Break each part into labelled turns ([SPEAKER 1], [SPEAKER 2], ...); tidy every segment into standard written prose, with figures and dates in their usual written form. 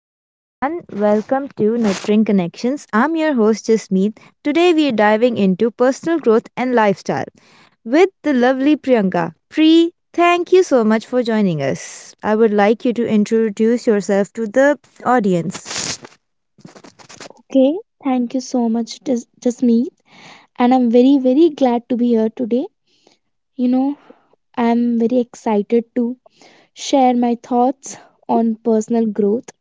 [SPEAKER 1] Hey everyone, welcome to Nurturing Connections. I'm your host Jasmeet. Today we are diving into personal growth and lifestyle with the lovely Priyanka. Pri, thank you so much for joining us. I would like you to introduce yourself to the audience.
[SPEAKER 2] Okay, thank you so much, Jasmeet. And I'm very, very glad to be here today. You know, I'm very excited to share my thoughts on personal growth.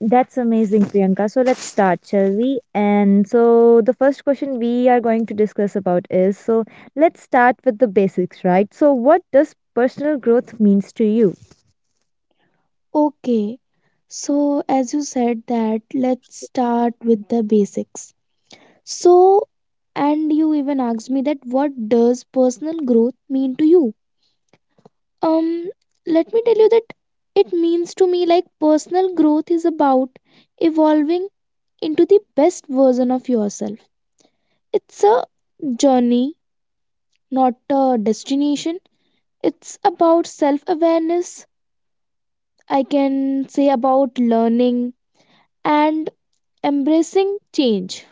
[SPEAKER 1] That's amazing, Priyanka. So let's start, shall we? And so the first question we are going to discuss about is, let's start with the basics, right? So what does personal growth means to you?
[SPEAKER 2] Okay, so as you said that, let's start with the basics. So, and you even asked me that what does personal growth mean to you? Um, Let me tell you that it means to me like personal growth is about evolving into the best version of yourself. It's a journey, not a destination. It's about self awareness, I can say about learning and embracing change.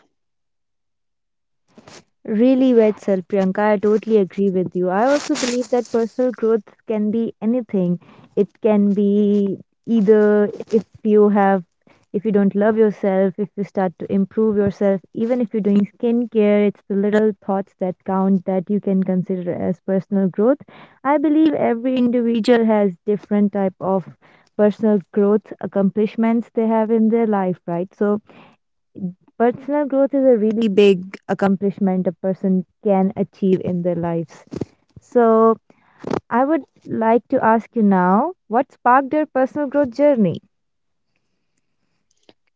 [SPEAKER 1] Really well said, Priyanka. I totally agree with you. I also believe that personal growth can be anything. It can be either if you have, if you don't love yourself, if you start to improve yourself, even if you're doing skincare, it's the little thoughts that count that you can consider as personal growth. I believe every individual has different type of personal growth accomplishments they have in their life, right? So personal growth is a really big accomplishment a person can achieve in their lives. So, I would like to ask you now, what sparked your personal growth journey?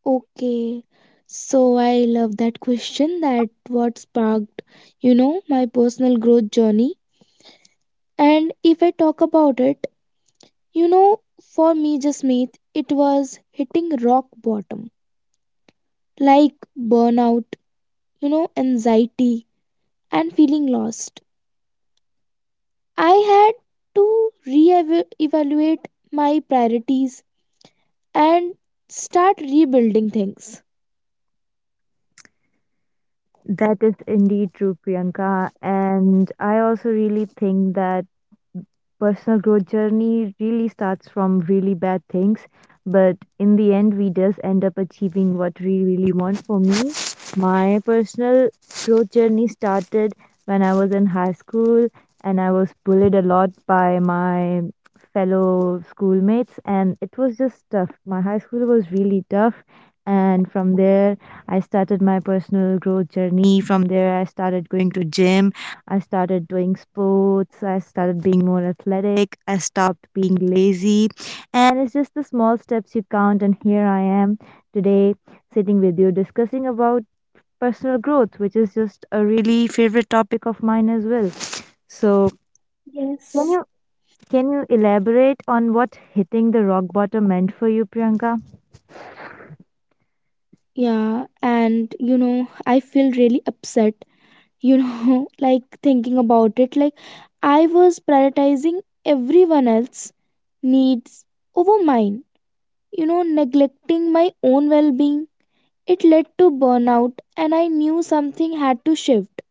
[SPEAKER 2] Okay, so I love that question that what sparked, my personal growth journey. And if I talk about it, you know, for me, Jasmeet, it was hitting rock bottom like burnout, anxiety, and feeling lost. I had to re-evaluate my priorities and start rebuilding things.
[SPEAKER 1] That is indeed true, Priyanka. And I also really think that personal growth journey really starts from really bad things, but in the end we just end up achieving what we really want. For me, my personal growth journey started when I was in high school and I was bullied a lot by my fellow schoolmates, and it was just tough. My high school was really tough, and from there I started my personal growth journey. From there I started going to gym, I started doing sports, I started being more athletic, I stopped being lazy. And it's just the small steps you count. And here I am today, sitting with you discussing about personal growth, which is just a really favorite topic of mine as well. So, can
[SPEAKER 2] Yes.
[SPEAKER 1] you can you elaborate on what hitting the rock bottom meant for you, Priyanka?
[SPEAKER 2] Yeah, and I feel really upset, you know, like thinking about it. Like, I was prioritizing everyone else's needs over mine, neglecting my own well being. It led to burnout, and I knew something had to shift.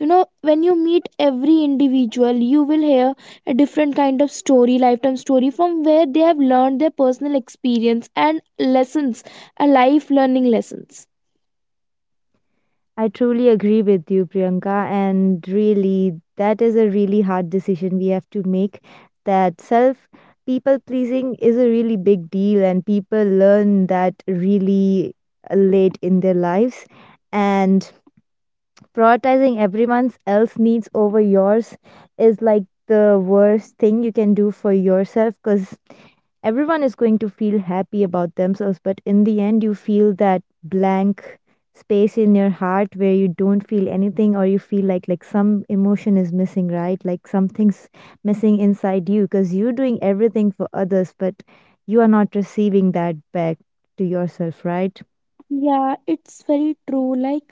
[SPEAKER 2] You know, when you meet every individual, you will hear a different kind of story, lifetime story, from where they have learned their personal experience and lessons, a life learning lessons.
[SPEAKER 1] I truly agree with you, Priyanka. And really, that is a really hard decision we have to make. That self people pleasing is a really big deal, and people learn that really late in their lives. And prioritizing everyone else's needs over yours is like the worst thing you can do for yourself, because everyone is going to feel happy about themselves, but in the end you feel that blank space in your heart where you don't feel anything, or you feel like some emotion is missing, right? Like something's missing inside you, because you're doing everything for others but you are not receiving that back to yourself, right?
[SPEAKER 2] Yeah, it's very true. Like,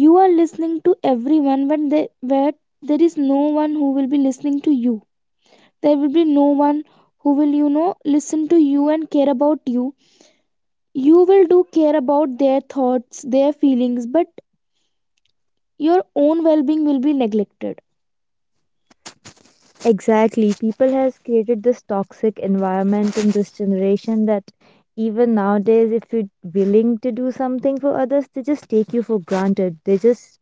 [SPEAKER 2] you are listening to everyone when they, where there is no one who will be listening to you. There will be no one who will, listen to you and care about you. You will do care about their thoughts, their feelings, but your own well-being will be neglected.
[SPEAKER 1] Exactly. People has created this toxic environment in this generation that even nowadays, if you're willing to do something for others, they just take you for granted. They just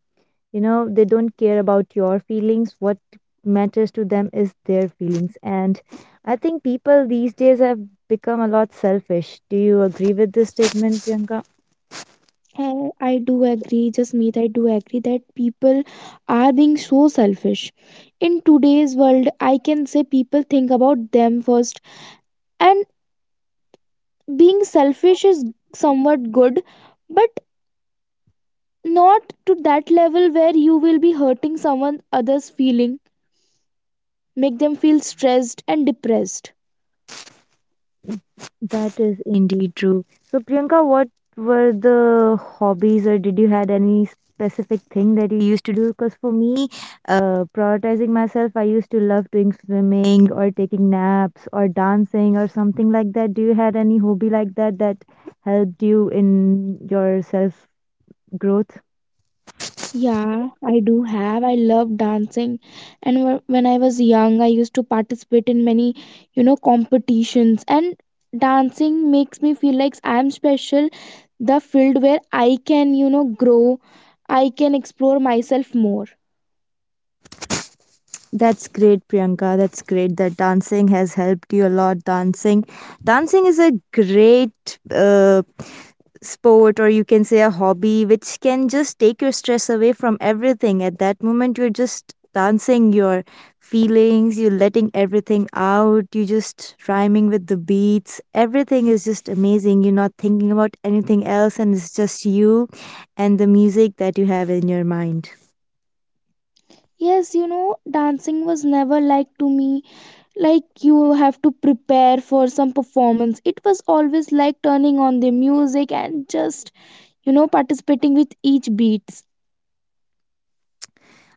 [SPEAKER 1] You know, they don't care about your feelings. What matters to them is their feelings. And I think people these days have become a lot selfish. Do you agree with this statement, Priyanka?
[SPEAKER 2] I do agree, just meet. I do agree that people are being so selfish. In today's world, I can say people think about them first, and being selfish is somewhat good, but not to that level where you will be hurting someone other's feeling, make them feel stressed and depressed.
[SPEAKER 1] That is indeed true. So, Priyanka, what were the hobbies, or did you had any specific thing that you used to do? Because for me, prioritizing myself, I used to love doing swimming or taking naps or dancing or something like that. Do you had any hobby like that that helped you in your self growth?
[SPEAKER 2] Yeah, I do have. I love dancing. And when I was young, I used to participate in many, competitions. And dancing makes me feel like I'm special, the field where I can, grow, I can explore myself more.
[SPEAKER 1] That's great, Priyanka. That's great that dancing has helped you a lot. Dancing is a great sport, or you can say a hobby, which can just take your stress away. From everything at that moment you're just dancing, your feelings you're letting everything out, you just rhyming with the beats. Everything is just amazing, you're not thinking about anything else, and it's just you and the music that you have in your mind.
[SPEAKER 2] Yes, you know, dancing was never like to me, like you have to prepare for some performance. It was always like turning on the music and just, participating with each beats.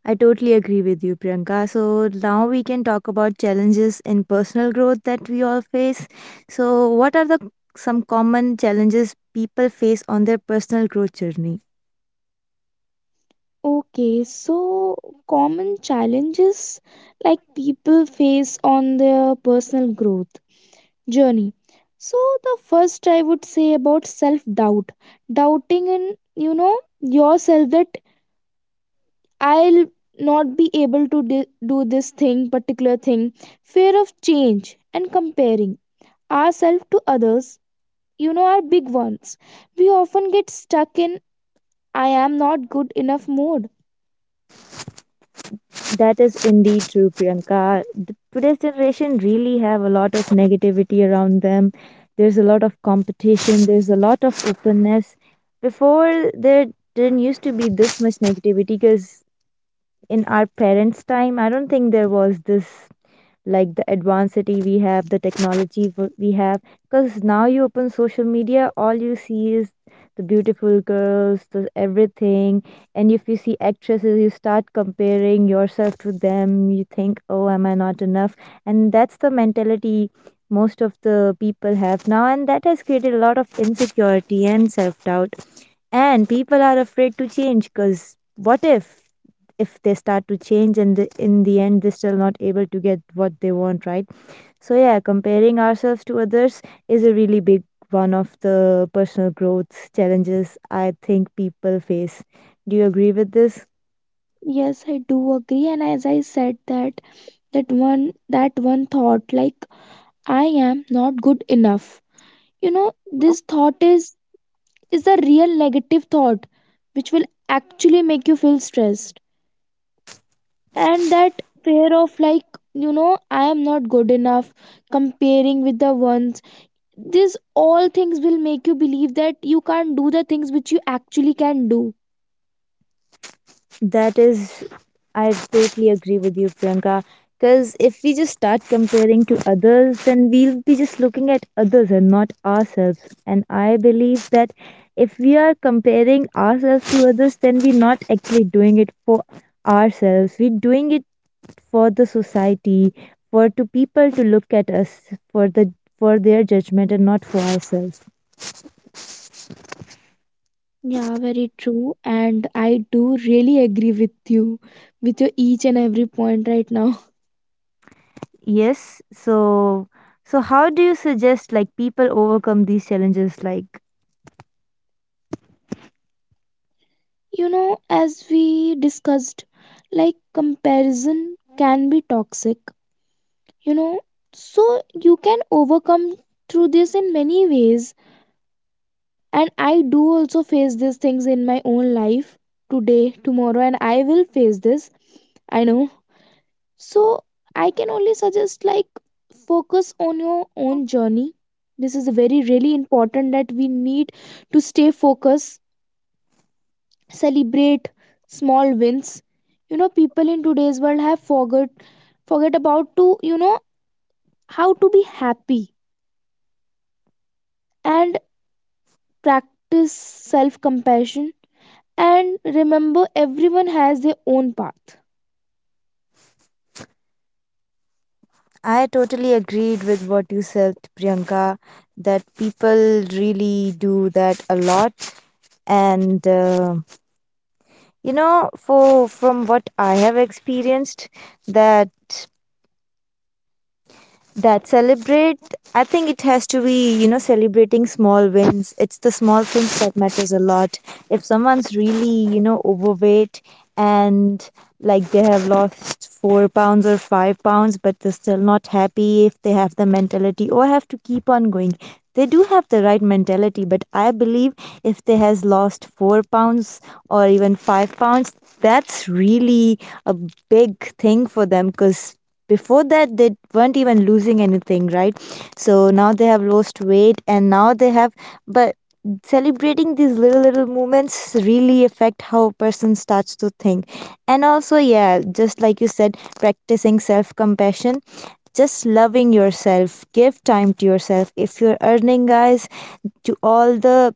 [SPEAKER 1] I totally agree with you, Priyanka. So now we can talk about challenges in personal growth that we all face. So, what are the some common challenges people face on their personal growth journey?
[SPEAKER 2] Okay, so common challenges like people face on their personal growth journey. So the first I would say about self doubt, doubting in yourself that I'll not be able to do this thing, particular thing, fear of change and comparing ourselves to others, are big ones. We often get stuck in I am not good enough mode.
[SPEAKER 1] That is indeed true, Priyanka. Today's generation really have a lot of negativity around them. There's a lot of competition. There's a lot of openness. Before, there didn't used to be this much negativity, because in our parents' time, I don't think there was this, like, the advancedity we have, the technology we have. Because now you open social media, all you see is the beautiful girls, the everything. And if you see actresses, you start comparing yourself to them. You think, oh, am I not enough? And that's the mentality most of the people have now. And that has created a lot of insecurity and self doubt. And people are afraid to change, because what if they start to change and in the end they're still not able to get what they want, right? So yeah, comparing ourselves to others is a really big one of the personal growth challenges I think people face. Do you agree with this?
[SPEAKER 2] Yes, I do agree, and as I said that that one thought like I am not good enough. You know, this thought is a real negative thought which will actually make you feel stressed. And that fear of like, I am not good enough, comparing with the ones. These all things will make you believe that you can't do the things which you actually can do.
[SPEAKER 1] That is, I totally agree with you, Priyanka. Because if we just start comparing to others, then we'll be just looking at others and not ourselves. And I believe that if we are comparing ourselves to others, then we're not actually doing it for ourselves. We're doing it for the society, for to people to look at us, for the for their judgment and not for ourselves.
[SPEAKER 2] Yeah, very true. And I do really agree with you, with your each and every point right now.
[SPEAKER 1] Yes. So, so how do you suggest like people overcome these challenges? Like.
[SPEAKER 2] You know, as we discussed, like comparison can be toxic, you know, so you can overcome through this in many ways. And I do also face these things in my own life today, tomorrow, and I will face this. I know. So I can only suggest like focus on your own journey. This is very really important that we need to stay focused, celebrate small wins. You know, people in today's world have forgot forget about to, how to be happy and practice self-compassion and remember everyone has their own path.
[SPEAKER 1] I totally agreed with what you said, Priyanka, that people really do that a lot. And, you know, for from what I have experienced, that that celebrate, I think it has to be, you know, celebrating small wins. It's the small things that matters a lot. If someone's really, you know, overweight, and like they have lost 4 pounds or 5 pounds but they're still not happy, if they have the mentality or have to keep on going, they do have the right mentality. But I believe if they has lost 4 pounds or even 5 pounds, that's really a big thing for them, cuz before that they weren't even losing anything, right? So now they have lost weight and now they have, but celebrating these little little moments really affect how a person starts to think. And also, yeah, just like you said, practicing self compassion, just loving yourself, give time to yourself. If you're earning, guys, to all the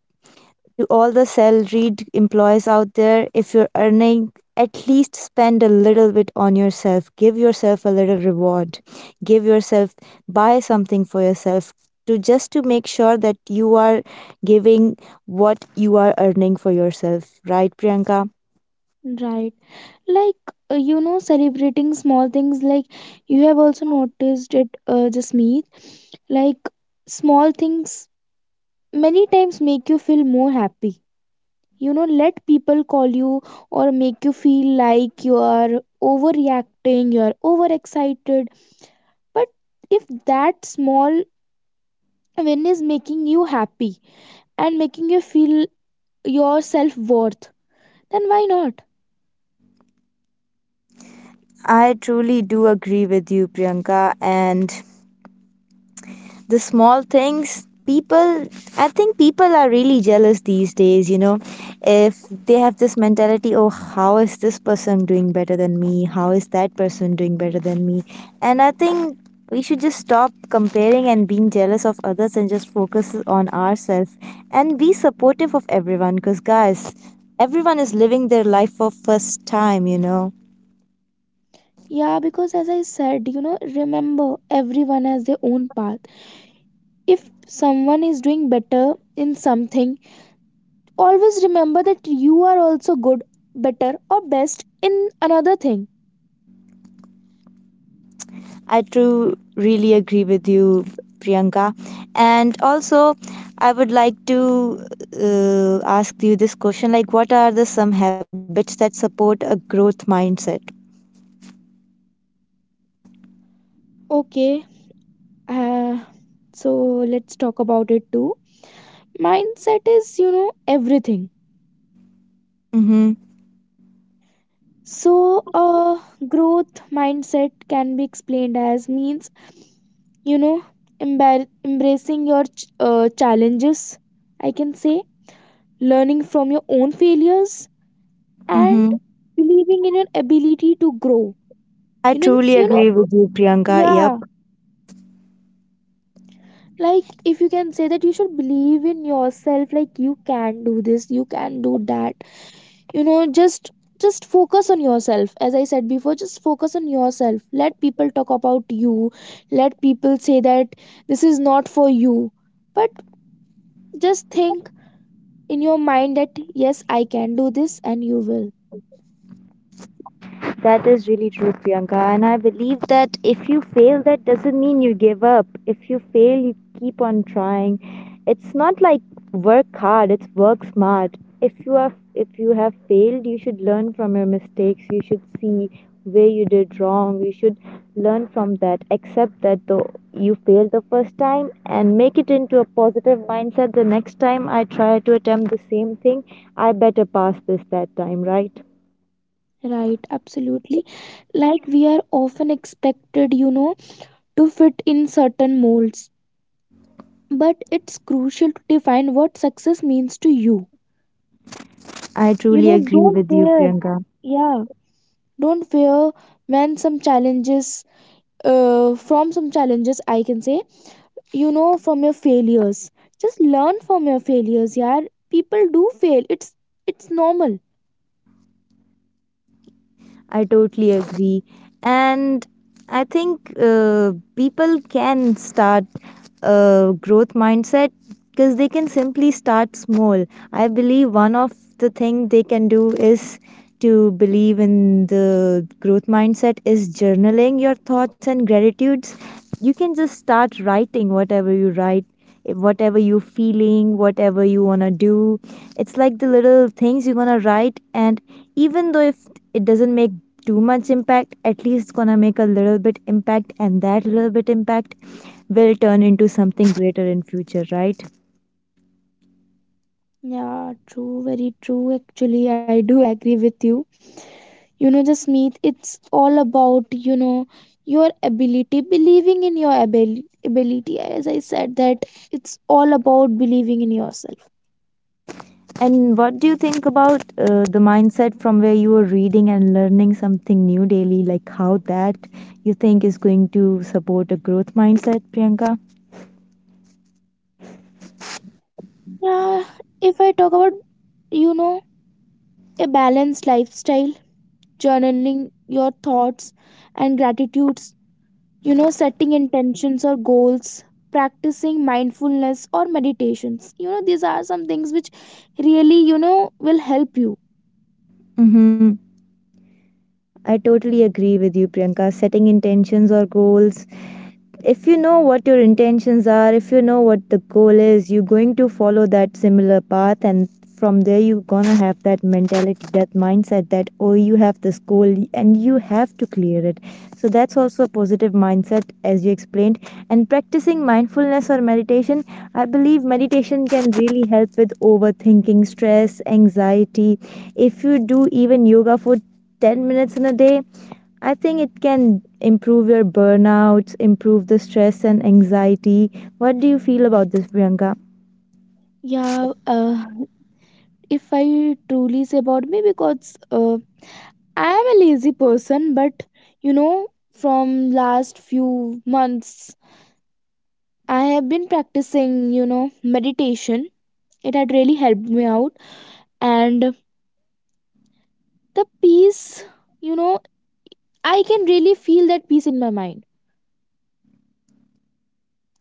[SPEAKER 1] to all the salaried employees out there, if you're earning, at least spend a little bit on yourself. Give yourself a little reward. Give yourself, Buy something for yourself, to just to make sure that you are giving what you are earning for yourself. Right, Priyanka?
[SPEAKER 2] Right. Like, you know, celebrating small things, like, you have also noticed it, Jasmeet. Like, small things many times make you feel more happy. You know, let people call you or make you feel like you are overreacting, you are overexcited. But if that small win is making you happy and making you feel your self worth, then why not?
[SPEAKER 1] I truly do agree with you, Priyanka. And the small things, people I think people are really jealous these days, you know. If they have this mentality, oh, how is this person doing better than me, how is that person doing better than me? And I think we should just stop comparing and being jealous of others and just focus on ourselves, and be supportive of everyone, because guys, everyone is living their life for first time, you know.
[SPEAKER 2] Yeah, because as I said, remember everyone has their own path. If someone is doing better in something, always remember that you are also good, better, or best in another thing.
[SPEAKER 1] I do really agree with you, Priyanka. And also, I would like to ask you this question, like, what are the some habits that support a growth mindset?
[SPEAKER 2] Okay, uh, so let's talk about it too. Mindset is, everything.
[SPEAKER 1] Mm-hmm.
[SPEAKER 2] So, growth mindset can be explained as means, you know, embracing your challenges, I can say learning from your own failures and
[SPEAKER 1] Mm-hmm.
[SPEAKER 2] believing in your ability to grow.
[SPEAKER 1] I
[SPEAKER 2] you know
[SPEAKER 1] truly
[SPEAKER 2] you know
[SPEAKER 1] agree with you, Priyanka. Yep.
[SPEAKER 2] Yeah, like if you can say that you should believe in yourself, like you can do this, you can do that. You know, just focus on yourself. As I said before, just focus on yourself. Let people talk about you, let people say that this is not for you, but just think in your mind that yes, I can do this, and you will.
[SPEAKER 1] That is really true, Priyanka. And I believe that if you fail, that doesn't mean you give up. If you fail, you keep on trying. It's not like work hard, it's work smart. If you have failed, you should learn from your mistakes. You should see where you did wrong. You should learn from that. Accept that though you failed the first time, and make it into a positive mindset. The next time I try to attempt the same thing, I better pass this that time, right?
[SPEAKER 2] Right, absolutely. Like we are often expected, to fit in certain molds. But it's crucial to define what success means to you.
[SPEAKER 1] I
[SPEAKER 2] You
[SPEAKER 1] truly
[SPEAKER 2] know,
[SPEAKER 1] agree
[SPEAKER 2] don't
[SPEAKER 1] with you,
[SPEAKER 2] fear.
[SPEAKER 1] Priyanka.
[SPEAKER 2] Yeah, don't fear when some challenges, from some challenges, I can say, from your failures. Just learn from your failures, yeah. People do fail. It's normal.
[SPEAKER 1] I totally agree. And I think people can start a growth mindset, because they can simply start small. I believe one of the thing they can do is, to believe in the growth mindset, is journaling your thoughts and gratitudes. You can just start writing whatever you write, whatever you're feeling, whatever you want to do. It's like the little things you want to write. And even though if it doesn't make too much impact, at least gonna make a little bit impact, and that little bit impact will turn into something greater in future, right?
[SPEAKER 2] Yeah, true, very true. Actually, I do agree with you. You know, Jasmeet, it's all about your ability, believing in your ability. As I said that, it's all about believing in yourself.
[SPEAKER 1] And what do you think about the mindset from where you were reading and learning something new daily, like how that you think is going to support a growth mindset, Priyanka?
[SPEAKER 2] Yeah, if I talk about, you know a balanced lifestyle, journaling your thoughts and gratitudes, you know, setting intentions or goals, practicing mindfulness or meditations, these are some things which really, will help you.
[SPEAKER 1] Mm-hmm. I totally agree with you, Priyanka. Setting intentions or goals, if you know what your intentions are, if you know what the goal is, you're going to follow that similar path. And from there you're gonna have that mentality, that mindset that oh, you have this goal and you have to clear it. So that's also a positive mindset as you explained. And practicing mindfulness or meditation, I believe meditation can really help with overthinking, stress, anxiety. If you do even yoga for 10 minutes in a day, I think it can improve your burnouts, improve the stress and anxiety. What do you feel about this, Priyanka?
[SPEAKER 2] Yeah, if I truly say about me, because I am a lazy person, but you know, from last few months, I have been practicing, meditation. It had really helped me out, and the peace, you know, I can really feel that peace in my mind.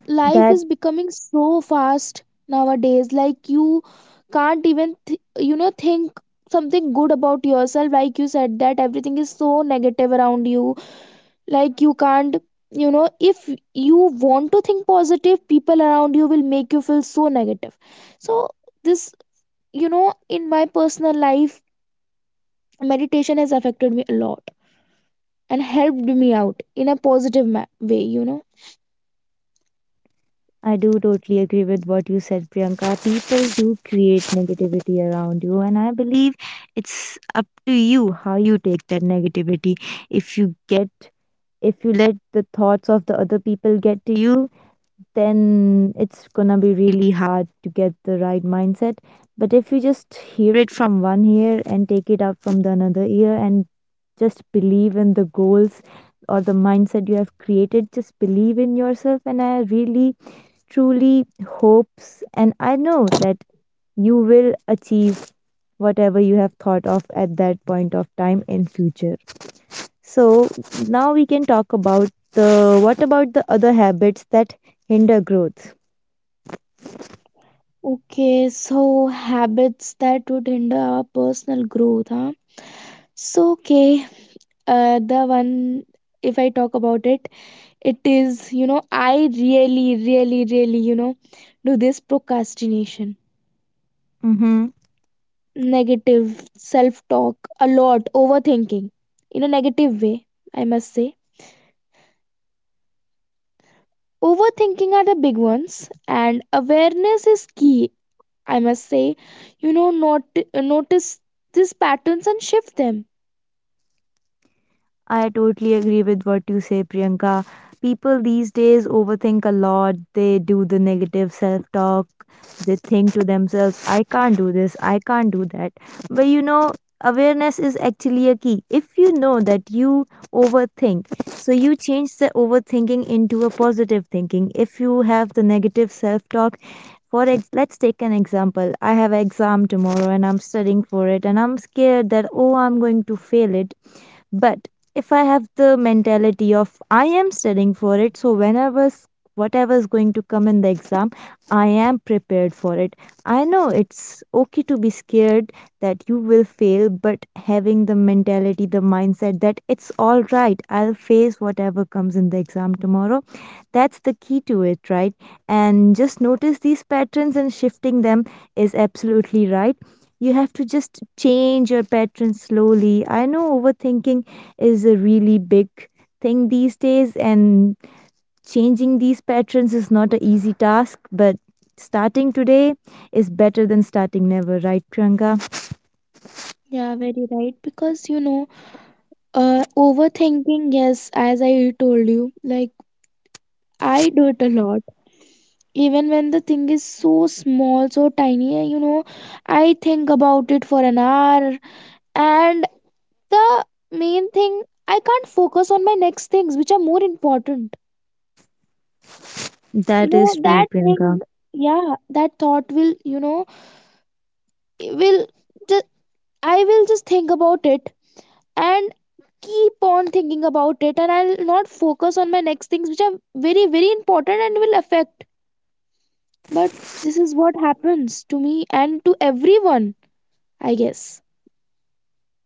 [SPEAKER 2] Life
[SPEAKER 1] That
[SPEAKER 2] is becoming so fast nowadays, like you can't even, you know, think something good about yourself, like you said that everything is so negative around you. Like you can't, if you want to think positive, people around you will make you feel so negative. So this, in my personal life, meditation has affected me a lot and helped me out in a positive way, you know.
[SPEAKER 1] I do totally agree with what you said, Priyanka. People do create negativity around you, and I believe it's up to you how you take that negativity. If you get, if you let the thoughts of the other people get to you, then it's gonna be really hard to get the right mindset. But if you just hear it from one ear and take it out from the another ear and just believe in the goals or the mindset you have created, just believe in yourself. And I really truly hopes and I know that you will achieve whatever you have thought of at that point of time in future. So now we can talk about the what about the other habits that hinder growth?
[SPEAKER 2] Okay, so habits that would hinder our personal growth, huh? So okay, the one if I talk about it, it is, I really you know do this procrastination,
[SPEAKER 1] Mm-hmm.
[SPEAKER 2] negative self talk a lot, overthinking in a negative way, I must say. Overthinking are the big ones, and awareness is key, I must say. You know, not notice these patterns and shift them.
[SPEAKER 1] I totally agree with what you say, Priyanka. People these days overthink a lot. They do the negative self talk. They think to themselves, I can't do this, I can't do that. But you know, awareness is actually a key. If you know that you overthink, so you change the overthinking into a positive thinking. If you have the negative self talk, let's take an example. I have exam tomorrow and I'm studying for it and I'm scared that, oh, I'm going to fail it, but if I have the mentality of I am studying for it, so whenever's whatever is going to come in the exam, I am prepared for it. I know it's okay to be scared that you will fail, but having the mentality, the mindset that it's all right, I'll face whatever comes in the exam tomorrow. That's the key to it, right? And just notice these patterns and shifting them is absolutely right. You have to just change your patterns slowly. I know overthinking is a really big thing these days, and changing these patterns is not an easy task, but starting today is better than starting never, right, Priyanka?
[SPEAKER 2] Yeah, very right, because, overthinking, yes, as I told you, like, I do it a lot. Even when the thing is so small, so tiny, you know, I think about it for an hour. And the main thing, I can't focus on my next things, which are more important. You
[SPEAKER 1] That
[SPEAKER 2] know,
[SPEAKER 1] is true,
[SPEAKER 2] that
[SPEAKER 1] Priyanka.
[SPEAKER 2] thing, yeah, that thought will, it will just, I will just think about it and keep on thinking about it. And I'll not focus on my next things, which are very, very important and will affect. But this is what happens to me and to everyone, I guess.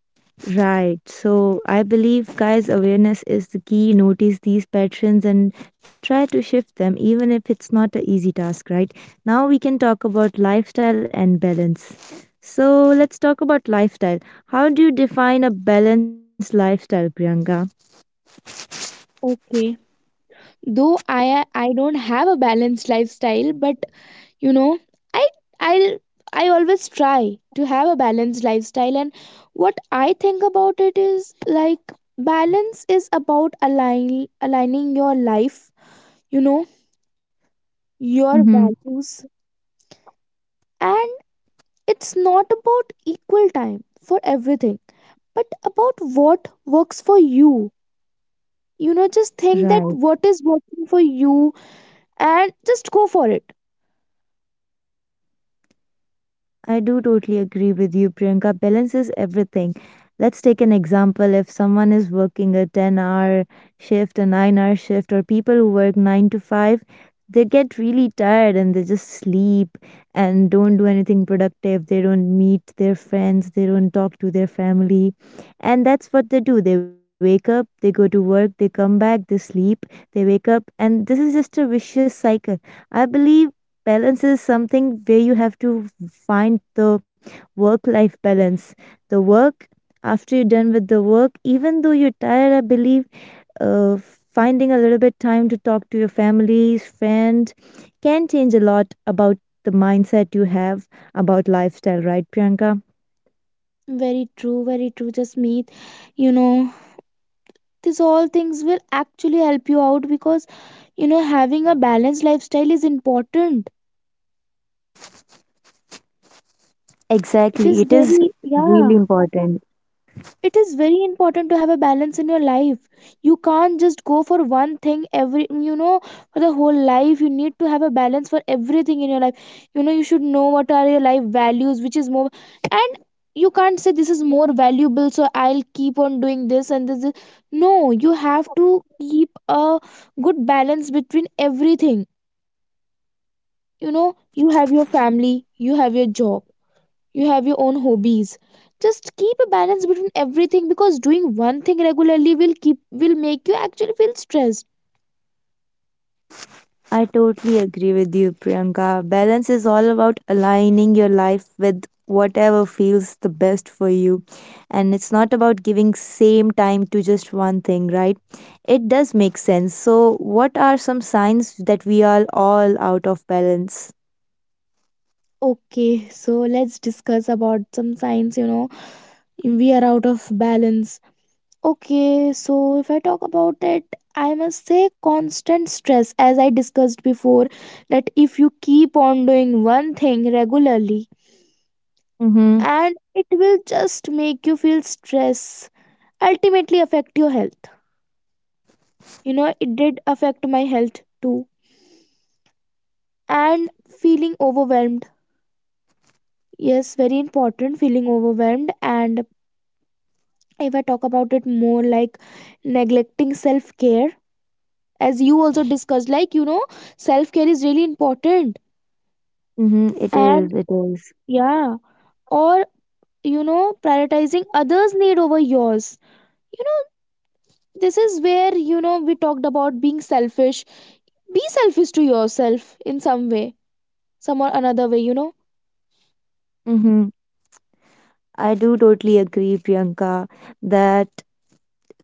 [SPEAKER 1] Right. So I believe, guys, awareness is the key. Notice these patterns and try to shift them, even if it's not an easy task, right? Now we can talk about lifestyle and balance. So let's talk about lifestyle. How do you define a balanced lifestyle, Priyanka?
[SPEAKER 2] Okay. Though I don't have a balanced lifestyle, but you know, I I I always try to have a balanced lifestyle. And what I think about it is like balance is about aligning your life, you know, your
[SPEAKER 1] Mm-hmm.
[SPEAKER 2] values, and it's not about equal time for everything, but about what works for you. You know, just think that
[SPEAKER 1] Right.
[SPEAKER 2] what is working for you and just go for it.
[SPEAKER 1] I do totally agree with you, Priyanka. Balance is everything. Let's take an example. If someone is working a 10-hour shift, a 9-hour shift, or people who work 9 to 5, they get really tired and they just sleep and don't do anything productive. They don't meet their friends, they don't talk to their family. And that's what they do. They wake up, they go to work, they come back, they sleep, they wake up. And this is just a vicious cycle. I believe balance is something where you have to find the work life balance, the work, after you're done with the work, even though you're tired, I believe uh, finding a little bit time to talk to your family, friend can change a lot about the mindset you have about lifestyle, right, Priyanka?
[SPEAKER 2] Very true, very true, just meet. You know, these all things will actually help you out because, having a balanced lifestyle is important. It
[SPEAKER 1] Exactly.
[SPEAKER 2] is
[SPEAKER 1] It is
[SPEAKER 2] very yeah,
[SPEAKER 1] really important.
[SPEAKER 2] it is very important to have a balance in your life. You can't just go for one thing every, for the whole life. You need to have a balance for everything in your life. You know, you should know what are your life values, which is more, and you can't say this is more valuable, so I'll keep on doing this and this. No, you have to keep a good balance between everything. You know, you have your family, you have your job, you have your own hobbies. Just keep a balance between everything, because doing one thing regularly will keep will make you actually feel stressed.
[SPEAKER 1] I totally agree with you, Priyanka. Balance is all about aligning your life with whatever feels the best for you. And it's not about giving same time to just one thing, right? It does make sense. So, what are some signs that we are all out of balance?
[SPEAKER 2] Okay, so let's discuss about some signs, we are out of balance. Okay, so if I talk about it, I must say constant stress. As I discussed before, that if you keep on doing one thing regularly,
[SPEAKER 1] Mm-hmm.
[SPEAKER 2] and it will just make you feel stress, ultimately affect your health. You know, it did affect my health too. And feeling overwhelmed, yes, very important, feeling overwhelmed. And if I talk about it more, like, neglecting self care, as you also discussed, like, self care is really important.
[SPEAKER 1] Mm-hmm. It
[SPEAKER 2] And
[SPEAKER 1] is. It is.
[SPEAKER 2] yeah, or, you know prioritizing others need over yours. You know, this is where, we talked about being selfish. Be selfish to yourself in some way, some or another way, you know.
[SPEAKER 1] Mm-hmm. I do totally agree, Priyanka, that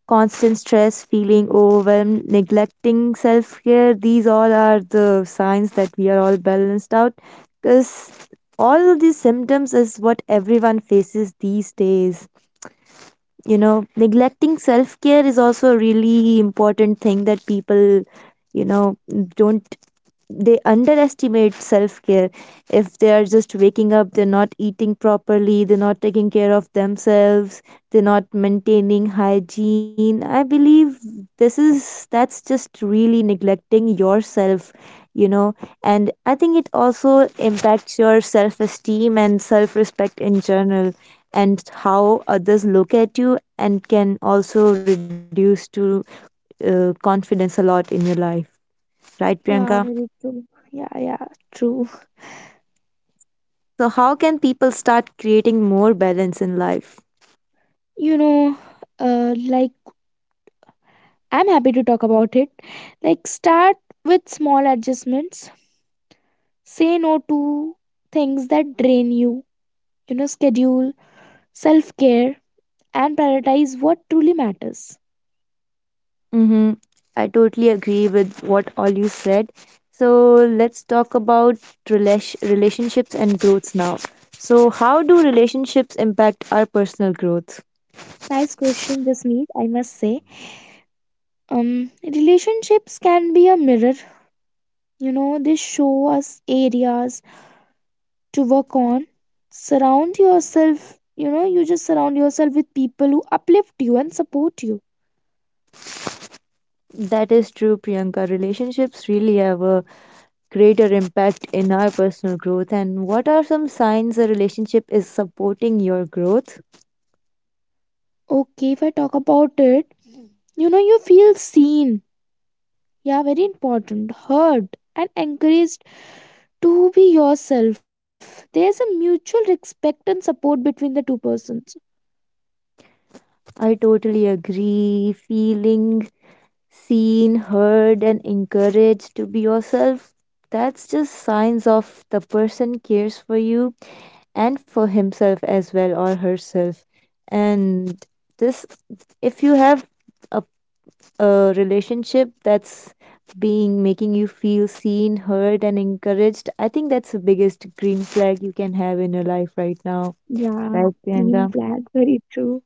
[SPEAKER 1] constant stress, feeling overwhelmed, neglecting self care. These all are the signs that we are all balanced out because all of these symptoms is what everyone faces these days. You know, neglecting self care is also a really important thing that people, you know, don't, they underestimate self care. If they are just waking up, they're not eating properly, they're not taking care of themselves, they're not maintaining hygiene, I believe this is, that's just really neglecting yourself, you know. And I think it also impacts your self esteem and self respect in general, and how others look at you and can also reduce to confidence a lot in your life, right, Priyanka?
[SPEAKER 2] Yeah, very true. Yeah, yeah, true.
[SPEAKER 1] So, how can people start creating more balance in life?
[SPEAKER 2] You know, like, I'm happy to talk about it. Like, start with small adjustments. Say no to things that drain you. You know, schedule self care and prioritize what truly matters.
[SPEAKER 1] Mm-hmm. I totally agree with what all you said. So let's talk about relationships and growths now. So, how do relationships impact our personal growth?
[SPEAKER 2] Nice question, Jasmeet, I must say. Relationships can be a mirror. You know, they show us areas to work on. Surround yourself, you just surround yourself with people who uplift you and support you.
[SPEAKER 1] That is true, Priyanka. Relationships really have a greater impact in our personal growth. And what are some signs a relationship is supporting your growth?
[SPEAKER 2] Okay, if I talk about it, you feel seen, yeah, very important, heard, and encouraged to be yourself. There's a mutual respect and support between the two persons.
[SPEAKER 1] I totally agree. Feeling seen, heard, and encouraged to be yourself, that's just signs of the person cares for you and for himself as well or herself. And this, if you have a, a relationship that's being making you feel seen, heard, and encouraged, I think that's the biggest green flag you can have in your life right now,
[SPEAKER 2] Yeah,
[SPEAKER 1] right,
[SPEAKER 2] green
[SPEAKER 1] Priyanka?
[SPEAKER 2] flag, very true.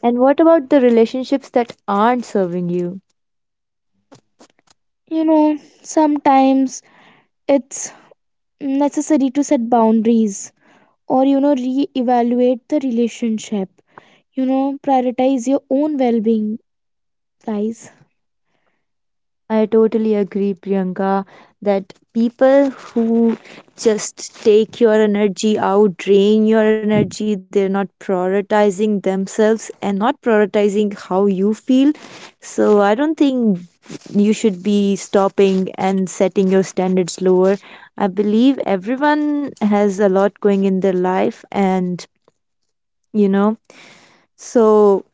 [SPEAKER 1] And what about the relationships that aren't serving you?
[SPEAKER 2] You know, sometimes it's necessary to set boundaries or, re-evaluate the relationship. You know, prioritize your own well being, guys.
[SPEAKER 1] I totally agree, Priyanka, that people who just take your energy out, drain your energy, they're not prioritizing themselves and not prioritizing how you feel. So I don't think you should be stopping and setting your standards lower. I believe everyone has a lot going in their life and you know, so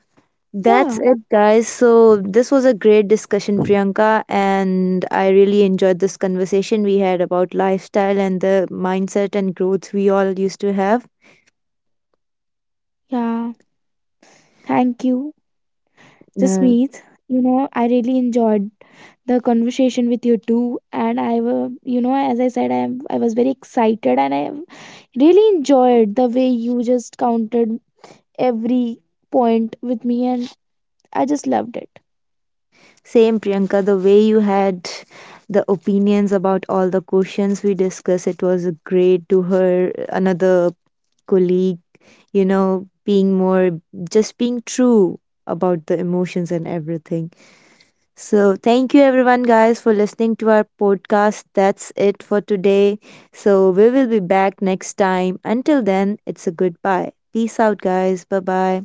[SPEAKER 1] that's
[SPEAKER 2] Yeah,
[SPEAKER 1] it, guys. So, this was a great discussion, Priyanka, and I really enjoyed this conversation we had about lifestyle and the mindset and growth we all used to have.
[SPEAKER 2] yeah. Thank you,
[SPEAKER 1] Uh,
[SPEAKER 2] Jasmeet. You know, I really enjoyed the conversation with you too. And I, you know, as I said, I was very excited, and I really enjoyed the way you just counted every point with me, and I just loved it.
[SPEAKER 1] same, Priyanka, the way you had the opinions about all the questions we discussed, it was great to her, another colleague, you know, being more, just being true about the emotions and everything. So, thank you everyone, guys, for listening to our podcast. That's it for today. So, we will be back next time. Until then, it's a goodbye. Peace out, guys. Bye bye.